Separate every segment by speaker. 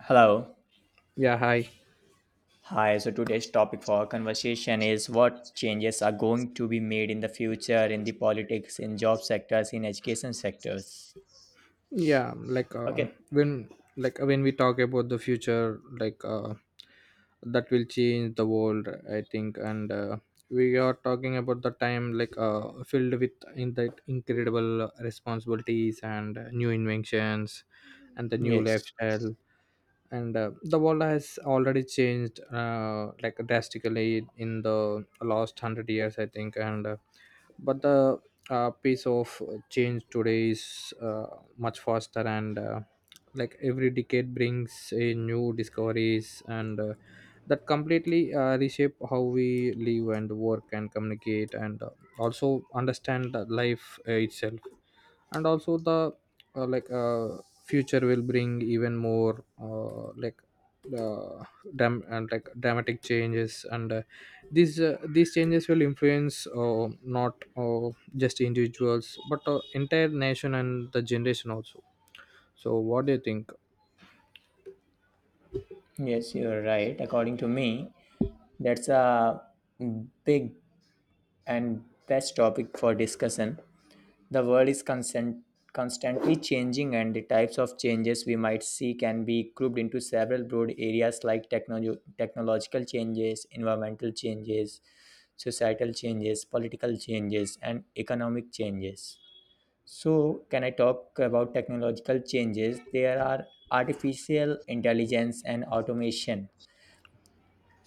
Speaker 1: Hello.
Speaker 2: Yeah, hi.
Speaker 1: Hi. So today's topic for our conversation is what changes are going to be made in the future in the politics, in job sectors, in education sectors.
Speaker 2: yeah like uh,
Speaker 1: Okay.
Speaker 2: when, when we talk about the future, that will change the world, I think. And We are talking about the time, filled with in that incredible responsibilities and new inventions and the new
Speaker 1: Yes.
Speaker 2: lifestyle. And The world has already changed, like drastically in the last 100 years, I think. And but the Pace of change today is much faster. And Like every decade brings a new discoveries, and that completely reshape how we live and work and communicate, and also understand the life itself. And also the like future will bring even more, uh, like dramatic changes. And these changes will influence, not just individuals, but entire nation and the generation also. So what do you think?
Speaker 1: Yes, you're right. According to me, that's a big and best topic for discussion. The world is constant, constantly changing, and the types of changes we might see can be grouped into several broad areas like technological changes, environmental changes, societal changes, political changes, and economic changes. So, can I talk about technological changes? There are artificial intelligence and automation.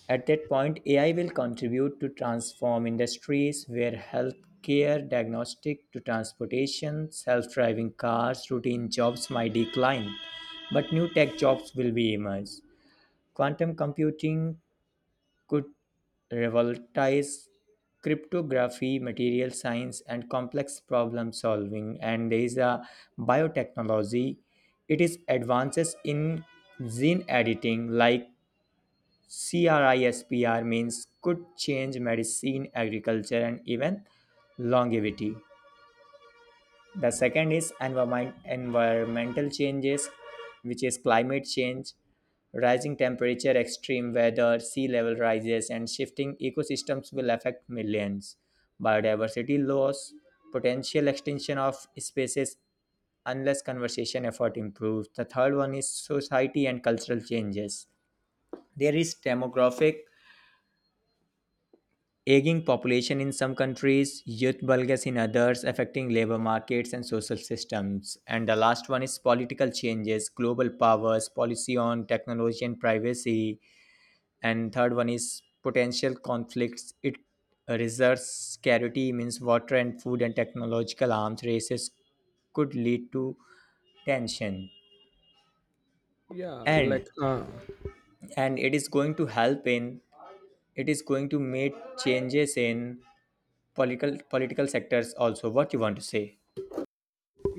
Speaker 1: At that point, AI will contribute to transform industries where healthcare, diagnostic to transportation, self-driving cars, routine jobs might decline, but new tech jobs will be emerge. Quantum computing could revolutionize cryptography, material science, and complex problem solving. And there is a biotechnology. It is advances in gene editing, like CRISPR means, could change medicine, agriculture, and even longevity. The second is environment, environmental changes, which is climate change, rising temperature, extreme weather, sea level rises, and shifting ecosystems will affect millions. Biodiversity loss, potential extinction of species, unless conservation effort improves. The third one is society and cultural changes. There is demographic aging population in some countries, youth bulges in others, affecting labor markets and social systems. And the last one is political changes, global powers, policy on technology and privacy. And third one is potential conflicts. It reserves scarcity means water and food, and technological arms races could lead to tension.
Speaker 2: yeah like
Speaker 1: And
Speaker 2: uh,
Speaker 1: and it is going to help in, it is going to make changes in political sectors also. What you want to say?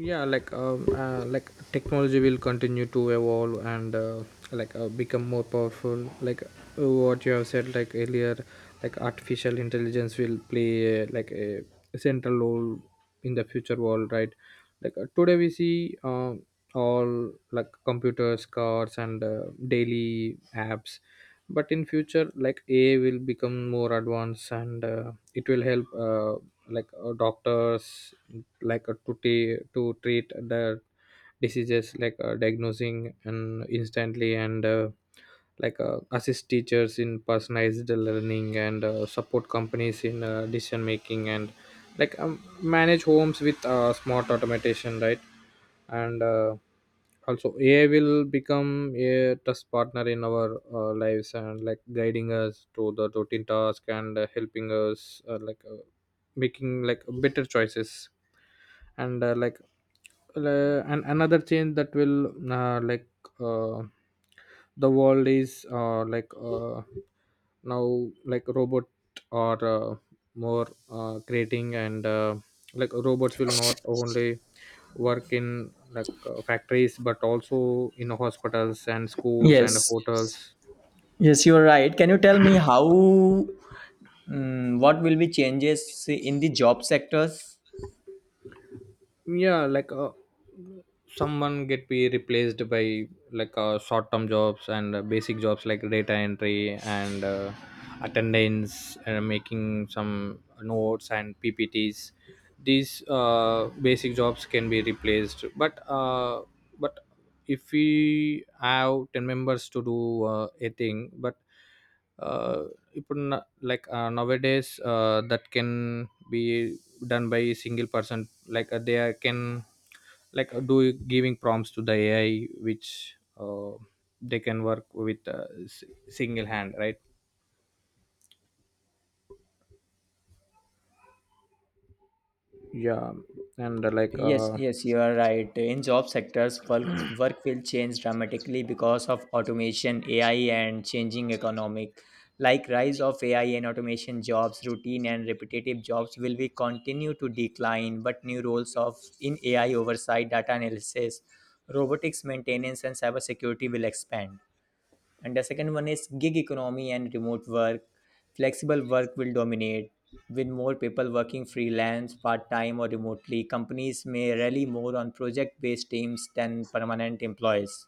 Speaker 2: like technology will continue to evolve and like become more powerful, like what you have said, like earlier. Like artificial intelligence will play, like, a central role in the future world, right? Today we see all like computers, cars, and daily apps. But in future, like AI will become more advanced, and it will help, doctors, to treat the diseases, diagnosing and instantly, and assist teachers in personalized learning, and support companies in decision making, and manage homes with smart automation, right? and Also AI will become a trust partner in our lives, and like guiding us to the routine task, and helping us, making like better choices. And uh, like uh, and another change that will, uh, like uh, the world is, now, like robot are, more creating, and like robots will not only work in, factories, but also in hospitals and schools and
Speaker 1: Yes,
Speaker 2: hotels.
Speaker 1: yes, you are right. Can you tell me how, mm, what will be changes in the job sectors?
Speaker 2: yeah like uh, Someone get be replaced by, short term jobs, and basic jobs like data entry and attendance and making some notes and ppts. These basic jobs can be replaced, but if we have 10 members to do a thing, but uh, if nowadays that can be done by single person. They can, do giving prompts to the AI, which they can work with, single hand, right? Yeah. and like
Speaker 1: Yes, yes, you are right. In job sectors, work will change dramatically because of automation, AI, and changing economic. Like rise of AI and automation jobs, routine and repetitive jobs will be continue to decline, but new roles of in AI oversight, data analysis, robotics maintenance, and cybersecurity will expand. And the second one is gig economy and remote work. Flexible work will dominate. With more people working freelance, part time, or remotely, companies may rely more on project based teams than permanent employees.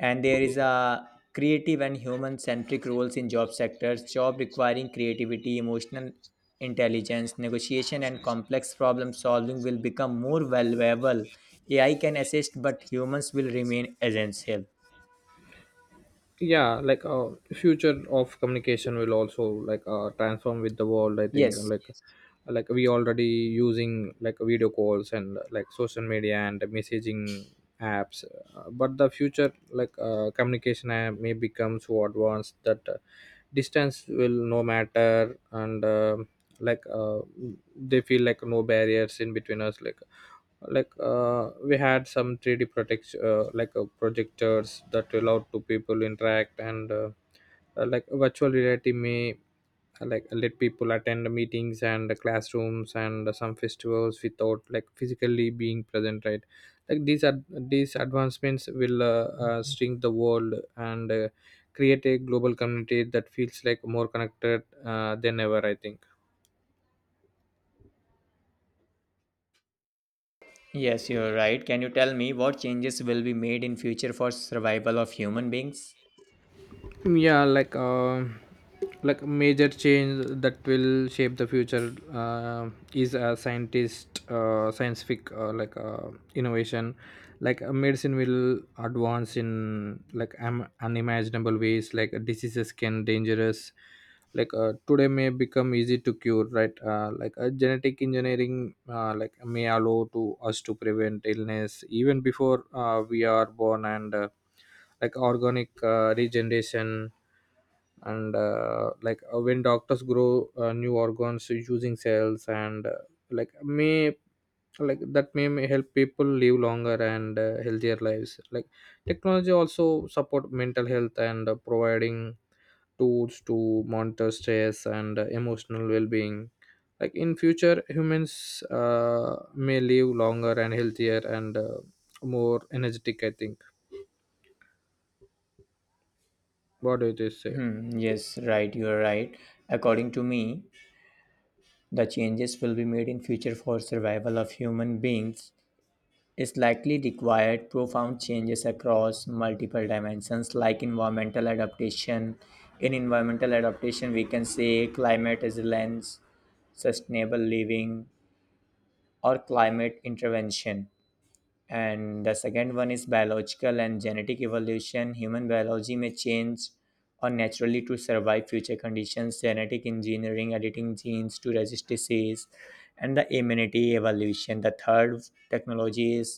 Speaker 1: And there is a creative and human centric roles in job sectors, job requiring creativity, emotional intelligence, negotiation, and complex problem solving will become more valuable. AI can assist, but humans will remain essential.
Speaker 2: Future of communication will also, transform with the world, I think. And
Speaker 1: Yes.
Speaker 2: like, yes. Like we already using like video calls and like social media and messaging apps. But the future, communication app may become so advanced that, distance will no matter. And um like uh, they feel like no barriers in between us. Like we had some 3D protect like projectors that allowed two people interact, and like virtual reality may, like let people attend meetings and classrooms and some festivals without like physically being present, right? These advancements will, shrink the world, and create a global community that feels like more connected than ever, I think.
Speaker 1: Yes, you're right. Can you tell me what changes will be made in future for survival of human beings?
Speaker 2: yeah like uh, like major change that will shape the future is a scientist scientific, innovation. Medicine will advance in, unimaginable ways. Like diseases can dangerous today may become easy to cure, right? Genetic engineering, like may allow to us to prevent illness even before we are born. And Like organic regeneration, and when doctors grow new organs using cells, and like may like that may help people live longer and healthier lives. Like technology also support mental health, and providing tools to monitor stress and emotional well-being. Like in future humans may live longer and healthier and more energetic, I think. What do you say?
Speaker 1: Hmm, yes, right, you're right. According to me, the changes will be made in future for survival of human beings is likely required profound changes across multiple dimensions like environmental adaptation. In environmental adaptation, we can say climate resilience, sustainable living, or climate intervention. And the second one is biological and genetic evolution, human biology may change or naturally to survive future conditions, genetic engineering editing genes to resist disease and the immunity evolution. The third technology is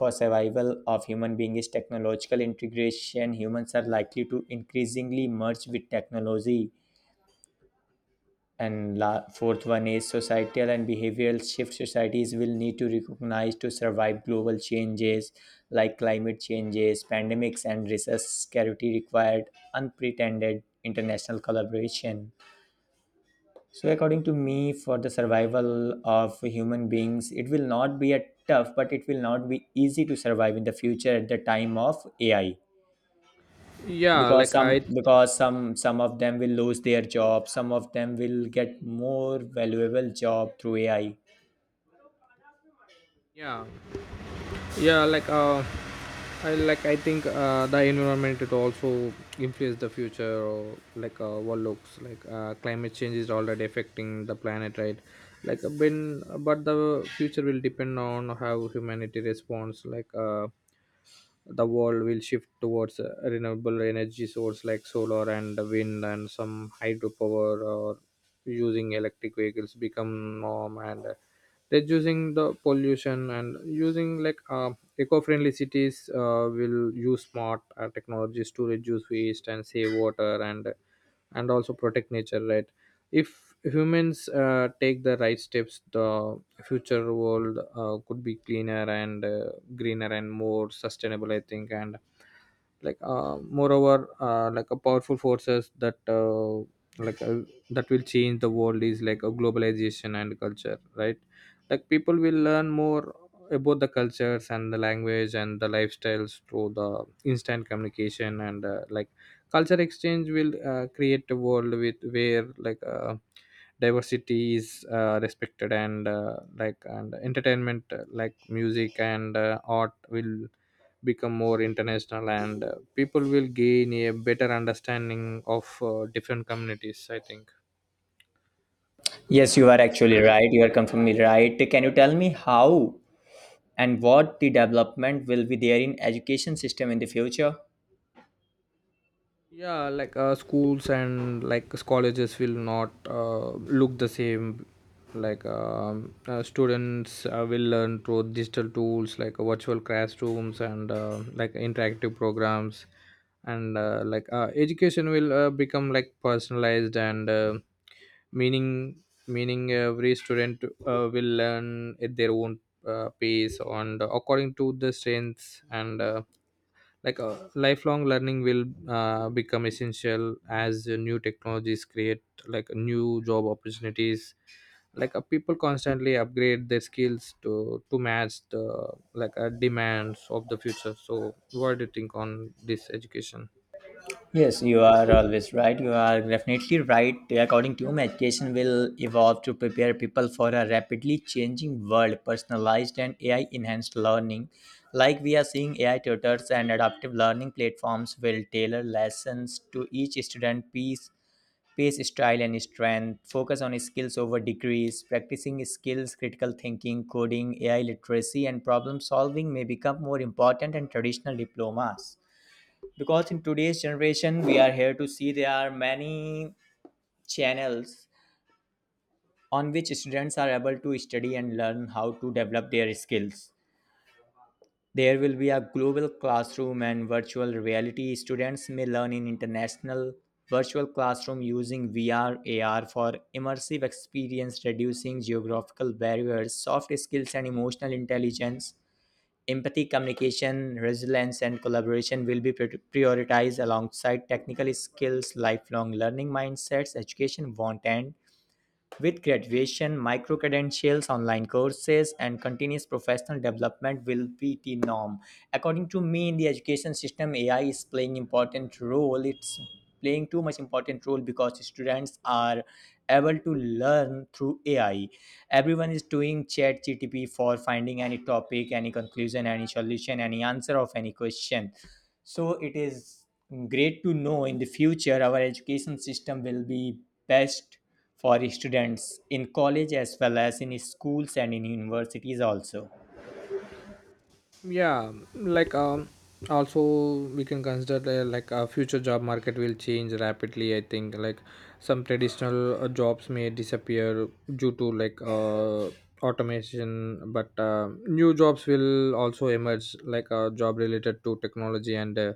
Speaker 1: for survival of human being, is technological integration, humans are likely to increasingly merge with technology. And fourth one is societal and behavioral shift. Societies will need to recognize to survive global changes like climate changes, pandemics, and resource scarcity required unprecedented international collaboration. So, according to me, for the survival of human beings, it will not be a tough, but it will not be easy to survive in the future at the time of AI,
Speaker 2: Yeah
Speaker 1: because
Speaker 2: like
Speaker 1: some
Speaker 2: I
Speaker 1: because some some of them will lose their job, some of them will get more valuable job through AI.
Speaker 2: yeah yeah like I like I think the environment it also influence the future, or what looks like, climate change is already affecting the planet, right? like when But the future will depend on how humanity responds. The world will shift towards renewable energy source like solar and wind and some hydropower, or using electric vehicles become norm, and reducing the pollution, and using eco-friendly cities, will use smart technologies to reduce waste and save water, and also protect nature, right? If humans take the right steps, the future world could be cleaner and greener and more sustainable, I think. And like Moreover, a powerful forces that, like uh, that will change the world is like a globalization and culture, right? Like people will learn more about the cultures and the language and the lifestyles through the instant communication, and culture exchange will create a world with where, diversity is respected, and entertainment, like music and art will become more international, and people will gain a better understanding of different communities, I think.
Speaker 1: Yes, you are actually right, you are confirming right. Can you tell me how and what the development will be there in education system in the future?
Speaker 2: Schools and like colleges will not look the same. Students will learn through digital tools, virtual classrooms, and like interactive programs. And education will become like personalized, and meaning every student will learn at their own pace and according to the strengths. And lifelong learning will become essential, as new technologies create like new job opportunities. People constantly upgrade their skills to match the, demands of the future. So what do you think on this education?
Speaker 1: Yes, you are always right. You are definitely right. According to me, education will evolve to prepare people for a rapidly changing world, personalized and AI enhanced learning. Like we are seeing AI tutors and adaptive learning platforms will tailor lessons to each student pace, style, and strength, focus on skills over degrees, practicing skills, critical thinking, coding, AI literacy, and problem solving may become more important than traditional diplomas, because in today's generation we are here to see there are many channels on which students are able to study and learn how to develop their skills. There will be a global classroom and virtual reality, students may learn in international virtual classroom using VR, AR for immersive experience reducing geographical barriers. Soft skills and emotional intelligence, empathy, communication, resilience, and collaboration will be prioritized alongside technical skills, lifelong learning mindsets, education, want, and with graduation, micro credentials, online courses, and continuous professional development will be the norm. According to me, in the education system, AI is playing important role. It's playing too much important role because students are able to learn through AI. Everyone is doing chat GTP for finding any topic, any conclusion, any solution, any answer of any question. So it is great to know in the future our education system will be best for students in college as well as in schools and in universities also.
Speaker 2: yeah like um Also we can consider, a future job market will change rapidly, I think. Like some traditional jobs may disappear due to, automation, but new jobs will also emerge, like a job related to technology and,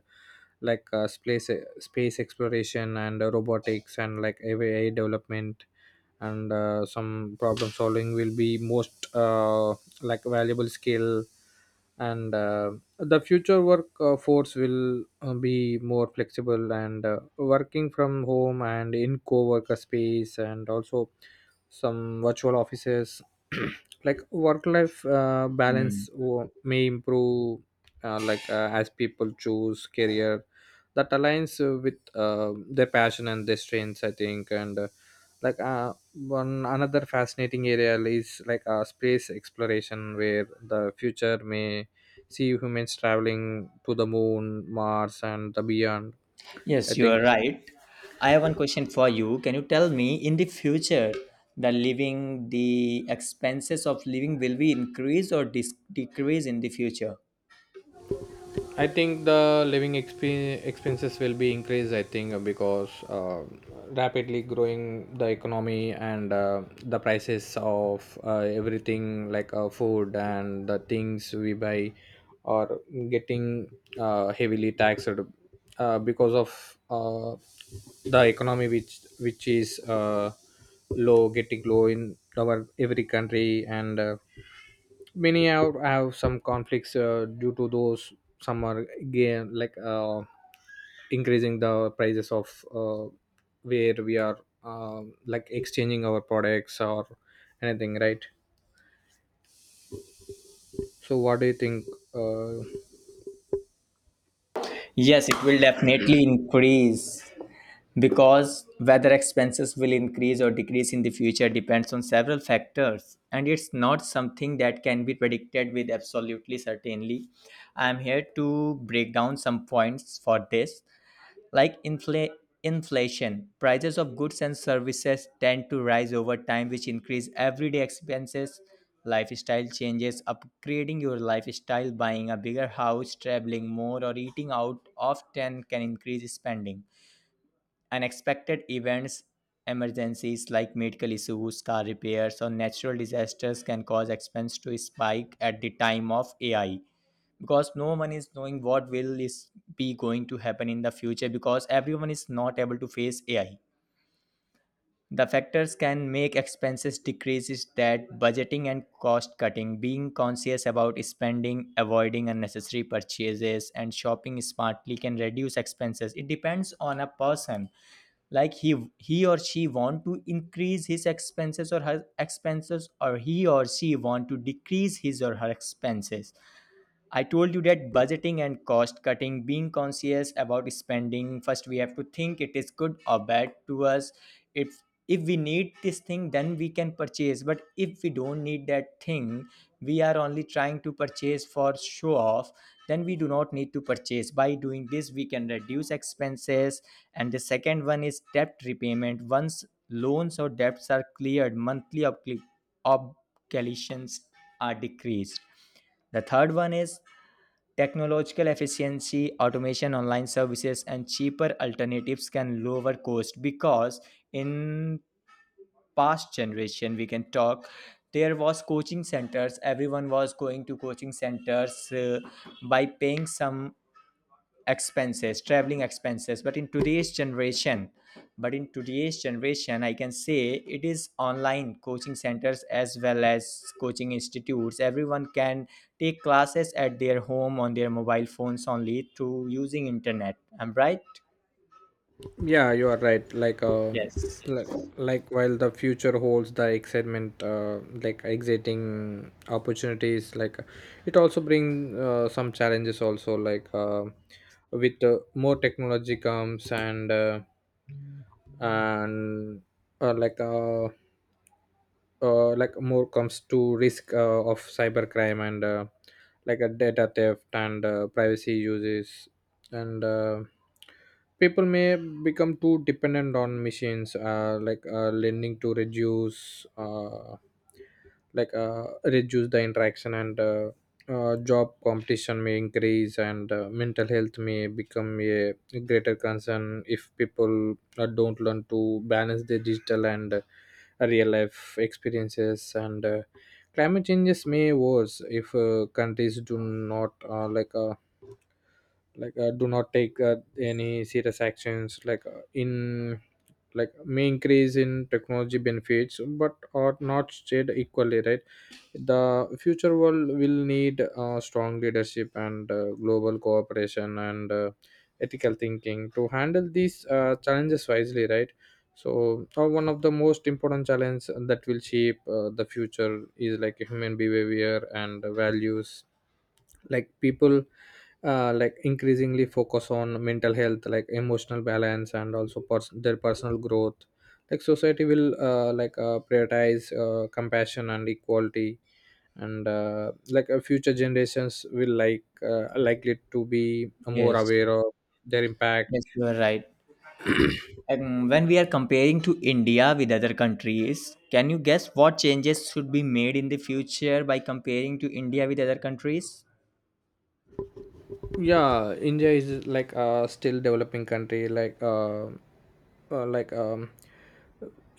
Speaker 2: like uh, space space exploration and robotics and like AI development, and some problem solving will be most, like valuable skill. And The future work force will be more flexible, and working from home and in co-worker space, and also some virtual offices. Like work life uh,
Speaker 1: Hmm.
Speaker 2: balance wo- may improve, as people choose career that aligns, with their passion and their strengths, I think. And like One another fascinating area is, space exploration, where the future may see humans traveling to the moon, mars, and the beyond, I
Speaker 1: Yes, you are
Speaker 2: think.
Speaker 1: right. I have one question for you. Can you tell me in the future the living, the expenses of living will be increase or decrease in the future?
Speaker 2: I think the living expenses will be increased. I think because rapidly growing the economy, and the prices of everything, food and the things we buy are getting heavily taxed, because of the economy which is low, getting low in our every country. And many have some conflicts due to those. Some are again, increasing the prices of, where we are like exchanging our products or anything, right? So what do you think? uh,
Speaker 1: Yes, it will definitely increase. Because whether expenses will increase or decrease in the future depends on several factors, and it's not something that can be predicted with absolutely certainly. I'm here to break down some points for this, like inflation. Prices of goods and services tend to rise over time, which increase everyday expenses. Lifestyle changes, upgrading your lifestyle, buying a bigger house, traveling more, or eating out often can increase spending. Unexpected events, emergencies like medical issues, car repairs, or natural disasters can cause expense to spike at the time of AI, because no one is knowing what will is be going to happen in the future because everyone is not able to face AI. The factors can make expenses decreases, that budgeting and cost cutting, being conscious about spending, avoiding unnecessary purchases, and shopping smartly can reduce expenses. It depends on a person, like he or she want to increase his expenses or her expenses, or he or she want to decrease his or her expenses. I told you that budgeting and cost cutting, being conscious about spending, first we have to think it is good or bad to us. If we need this thing, then we can purchase. But if we don't need that thing, we are only trying to purchase for show off, then we do not need to purchase. By doing this, we can reduce expenses. And the second one is debt repayment. Once loans or debts are cleared, monthly obligations are decreased. The third one is technological efficiency, automation, online services, and cheaper alternatives can lower cost, because in past generation we can talk, there was coaching centers, everyone was going to coaching centers, by paying some expenses, traveling expenses. But in today's generation, I can say it is online coaching centers as well as coaching institutes, everyone can take classes at their home on their mobile phones only through using internet. I'm right?
Speaker 2: Yeah, you are right. Like, uh,
Speaker 1: yes
Speaker 2: like, like while the future holds the excitement, like exciting opportunities, like it also brings some challenges. Also, with more technology comes and uh, like uh, more comes to risk of cybercrime and like a data theft and privacy uses and people may become too dependent on machines, lending to reduce, reduce the interaction. And Job competition may increase, and mental health may become a greater concern if people don't learn to balance their digital and real life experiences. And Climate changes may worse if countries do not, do not take any serious actions, like may increase in technology benefits but are not shared equally, right? The future world will need strong leadership and global cooperation and ethical thinking to handle these challenges wisely, right? So one of the most important challenges that will shape the future is like human behavior and values. Like people like increasingly focus on mental health, like emotional balance and also their personal growth. Like society will prioritize compassion and equality. And future generations will, like likely to be more
Speaker 1: yes
Speaker 2: aware of their impact.
Speaker 1: yes, you are right. Um, when we are comparing to India with other countries, can you guess what changes should be made in the future by comparing to India with other countries?
Speaker 2: Yeah, India is like a still developing country. Like,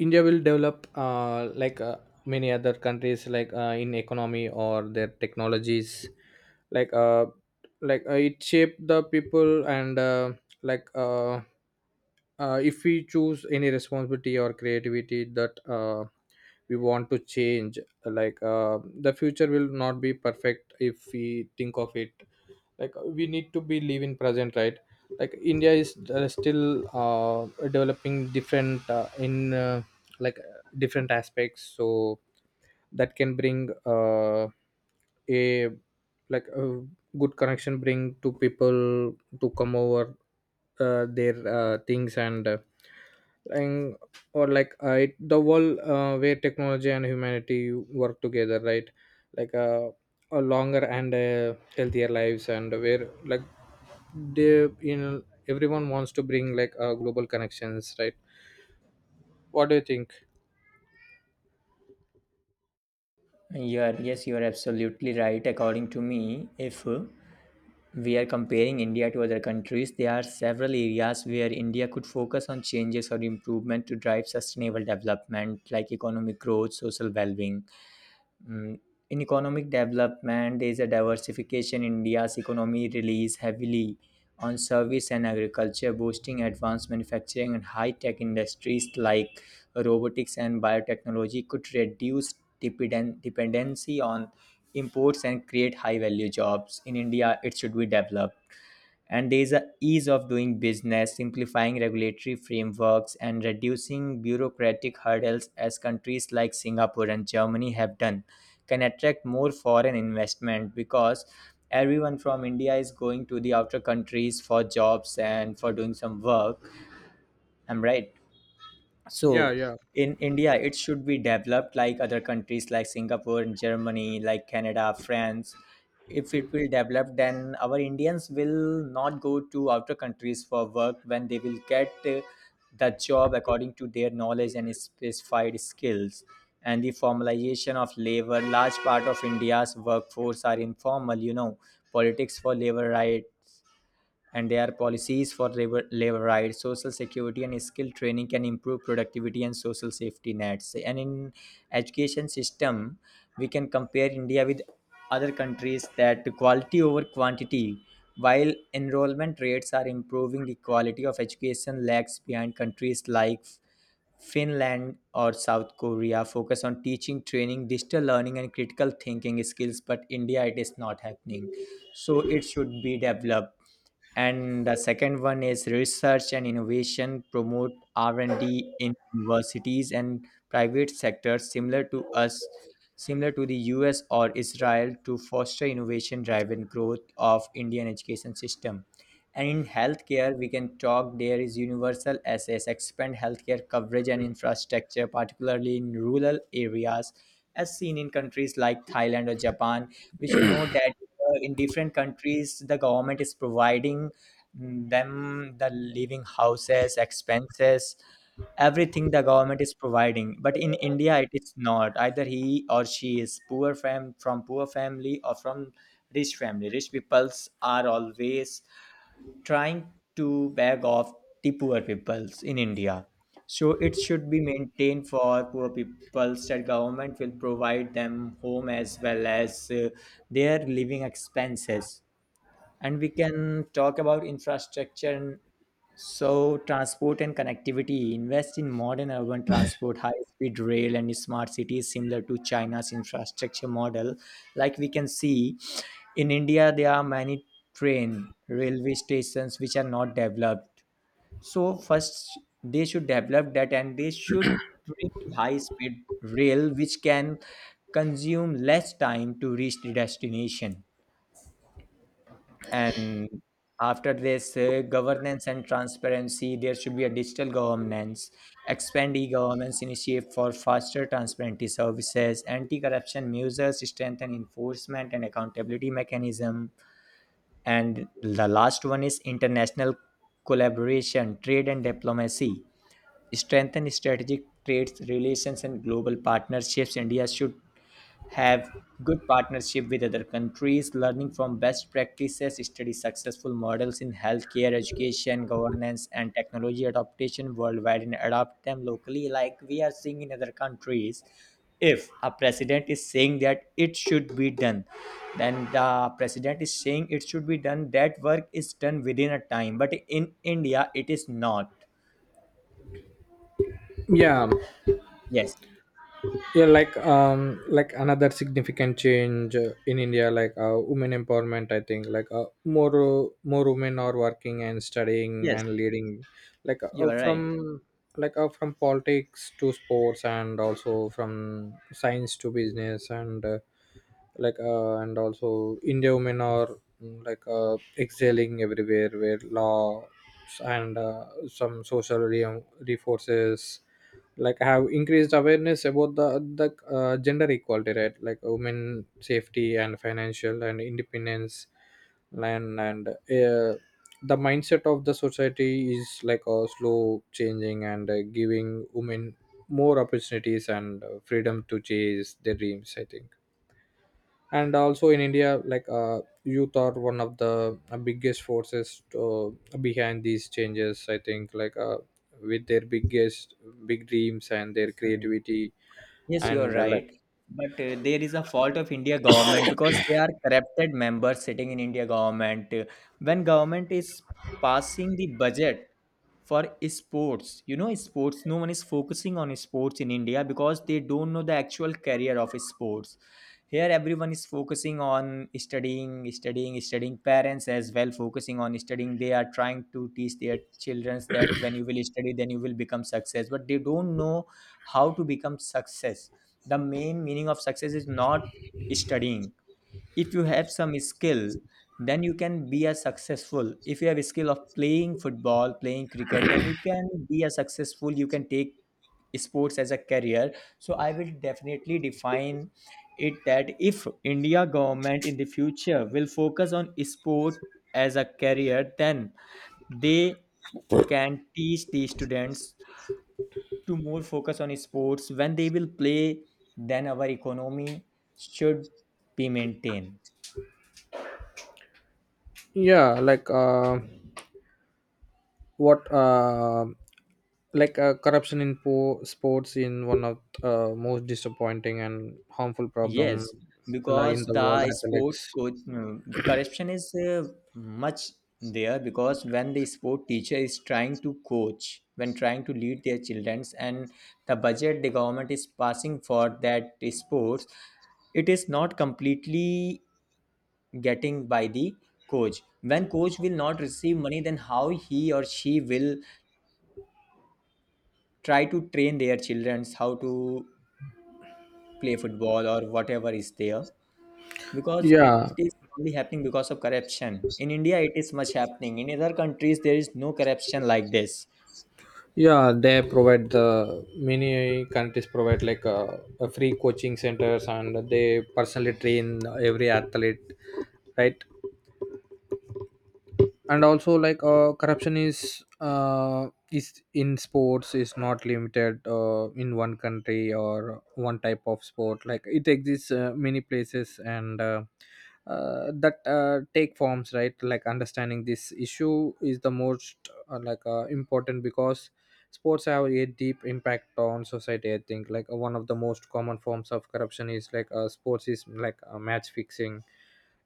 Speaker 2: India will develop, many other countries, like in economy or their technologies. Like uh like uh, it shape the people, and like uh, if we choose any responsibility or creativity that we want to change. Like the future will not be perfect if we think of it. Like we need to be live in present, right? Like India is still uh, developing different in, different aspects, so that can bring uh, a a good connection, bring to people to come over their things, and or like it, the world where technology and humanity work together, right? like uh, a longer and healthier lives, and where like they everyone wants to bring like global connections, right? What do you think?
Speaker 1: You are, yes, you are absolutely right. According to me, if we are comparing India to other countries, there are several areas where India could focus on changes or improvement to drive sustainable development, like economic growth, social well being. Mm. In economic development, there is a diversification. India's economy relies heavily on service and agriculture, boosting advanced manufacturing and high-tech industries like robotics and biotechnology could reduce dependency on imports and create high-value jobs. In India, it should be developed. And there is a ease of doing business, simplifying regulatory frameworks, and reducing bureaucratic hurdles as countries like Singapore and Germany have done can attract more foreign investment, because everyone from India is going to the outer countries for jobs and for doing some work. I'm right? So
Speaker 2: yeah yeah
Speaker 1: in India it should be developed like other countries like Singapore, Germany, like Canada, France. If it will develop, then our Indians will not go to outer countries for work, when they will get the job according to their knowledge and specified skills. And the formalization of labor, large part of India's workforce are informal, you know, politics for labor, right? And there are policies for labor, labor rights, social security, and skill training can improve productivity and social safety nets. And in education system, we can compare India with other countries that quality over quantity. While enrollment rates are improving, the quality of education lags behind countries like Finland or South Korea. Focus on teaching, training, digital learning, and critical thinking skills, but India it is not happening. So it should be developed. And the second one is research and innovation, promote R&D in universities and private sectors similar to the US or Israel to foster innovation driven growth of Indian education system. And in healthcare we can talk, there is universal access, expand healthcare coverage and infrastructure particularly in rural areas as seen in countries like Thailand or Japan. We should know that in different countries the government is providing them the living houses expenses, everything the government is providing, but in India it is not. Either he or she is from poor family or from rich family, rich peoples are always trying to beg off the poor peoples in India. So it should be maintained for poor peoples that government will provide them home as well as their living expenses. And we can talk about infrastructure and so transport and connectivity, invest in modern urban transport, high speed rail and smart cities similar to China's infrastructure model. Like we can see in India there are many train railway stations which are not developed, so first they should develop that and they should bring high speed rail which can consume less time to reach the destination. And after this, governance and transparency, there should be a digital governance, expand e-governance initiative for faster transparency services, anti-corruption measures, strengthen enforcement and accountability mechanism. And the last one is international collaboration, trade and diplomacy, strengthen strategic trade relations and global partnerships. India should have good partnership with other countries. Learning from best practices, study successful models in healthcare, education, governance and technology adaptation worldwide and adopt them locally, like we are seeing in other countries. If a president is saying that it should be done, then the president is saying it should be done, that work is done within a time, but in India it is not.
Speaker 2: yeah
Speaker 1: Yes.
Speaker 2: yeah Like, another significant change in India, like women empowerment, I think. Like more women are working and studying
Speaker 1: Yes,
Speaker 2: and leading, like
Speaker 1: you are right.
Speaker 2: from politics to sports and also from science to business. And and also India women are mm, excelling everywhere, where law and some reforces like have increased awareness about the gender equality, right? Like women safety and financial and independence. And the mindset of the society is like a slow changing, and giving women more opportunities and freedom to chase their dreams, I think. And also in India, like youth are one of the biggest forces to, behind these changes, I think. Like with their big dreams and their
Speaker 1: Mhm.
Speaker 2: creativity.
Speaker 1: Yes, you are
Speaker 2: And
Speaker 1: right. But there is a fault of India government because they are corrupted members sitting in India government. When government is passing the budget for sports, you know, sports, no one is focusing on sports in India because they don't know the actual career of sports. Here, everyone is focusing on studying, studying, studying. Parents as well focusing on studying. They are trying to teach their children that when you will study, then you will become success. But they don't know how to become success. The main meaning of success is not studying. If you have some skill, then you can be a successful. If you have a skill of playing football, playing cricket, then you can be a successful, you can take sports as a career. So I will definitely define it that if India government in the future will focus on sport as a career, then they can teach the students to more focus on sports. When they will play, then our economy should be maintained.
Speaker 2: yeah, like what like corruption in sports in one of most disappointing and harmful problem,
Speaker 1: Yes.
Speaker 2: like in
Speaker 1: Because
Speaker 2: the world
Speaker 1: the
Speaker 2: athletics.
Speaker 1: corruption is much there. Because when the sport teacher is trying to coach, when trying to lead their childrens, and the budget the government is passing for that sports, it is not completely getting by the coach. When coach will not receive money, then how he or she will try to train their childrens how to play football or whatever is there. Because it
Speaker 2: yeah
Speaker 1: is only happening because of corruption in India, it is much happening. In other countries there is no corruption like this.
Speaker 2: yeah They provide, the many countries provide, like a free coaching centers, and they personally train every athlete, right? And also like corruption is, is in sports, is not limited in one country or one type of sport. Like it exists many places, and that take forms, right? Like understanding this issue is the most important, because sports have a deep impact on society, I think. Like one of the most common forms of corruption is like sports is like match fixing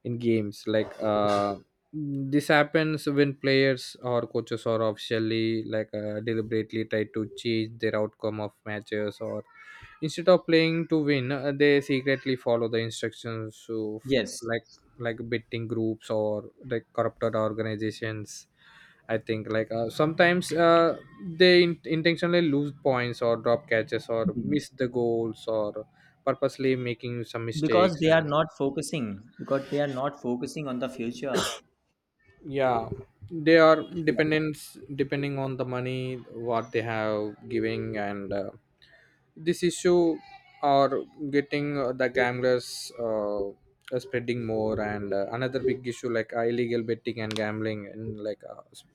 Speaker 2: in games. Mm, this happens when players or coaches or officially, like deliberately try to change their outcome of matches, or instead of playing to win, they secretly follow the instructions of
Speaker 1: Yes.
Speaker 2: like like betting groups or like corrupted organizations, I think. Like sometimes intentionally lose points or drop catches or
Speaker 1: Mhm.
Speaker 2: miss the goals or purposely making some
Speaker 1: because
Speaker 2: mistakes.
Speaker 1: they are not focusing because they are not focusing on the future.
Speaker 2: Yeah, they are dependents, depending on the money what they have giving, and this issue are getting the gamblers are spreading more. And another big issue, like illegal betting and gambling, and like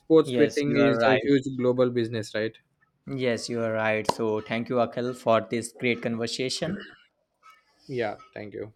Speaker 2: sports
Speaker 1: Yes,
Speaker 2: betting
Speaker 1: you are
Speaker 2: is a
Speaker 1: right.
Speaker 2: huge global business, right?
Speaker 1: Yes, you are right. So thank you, Akhil, for this great conversation.
Speaker 2: Yeah, thank you.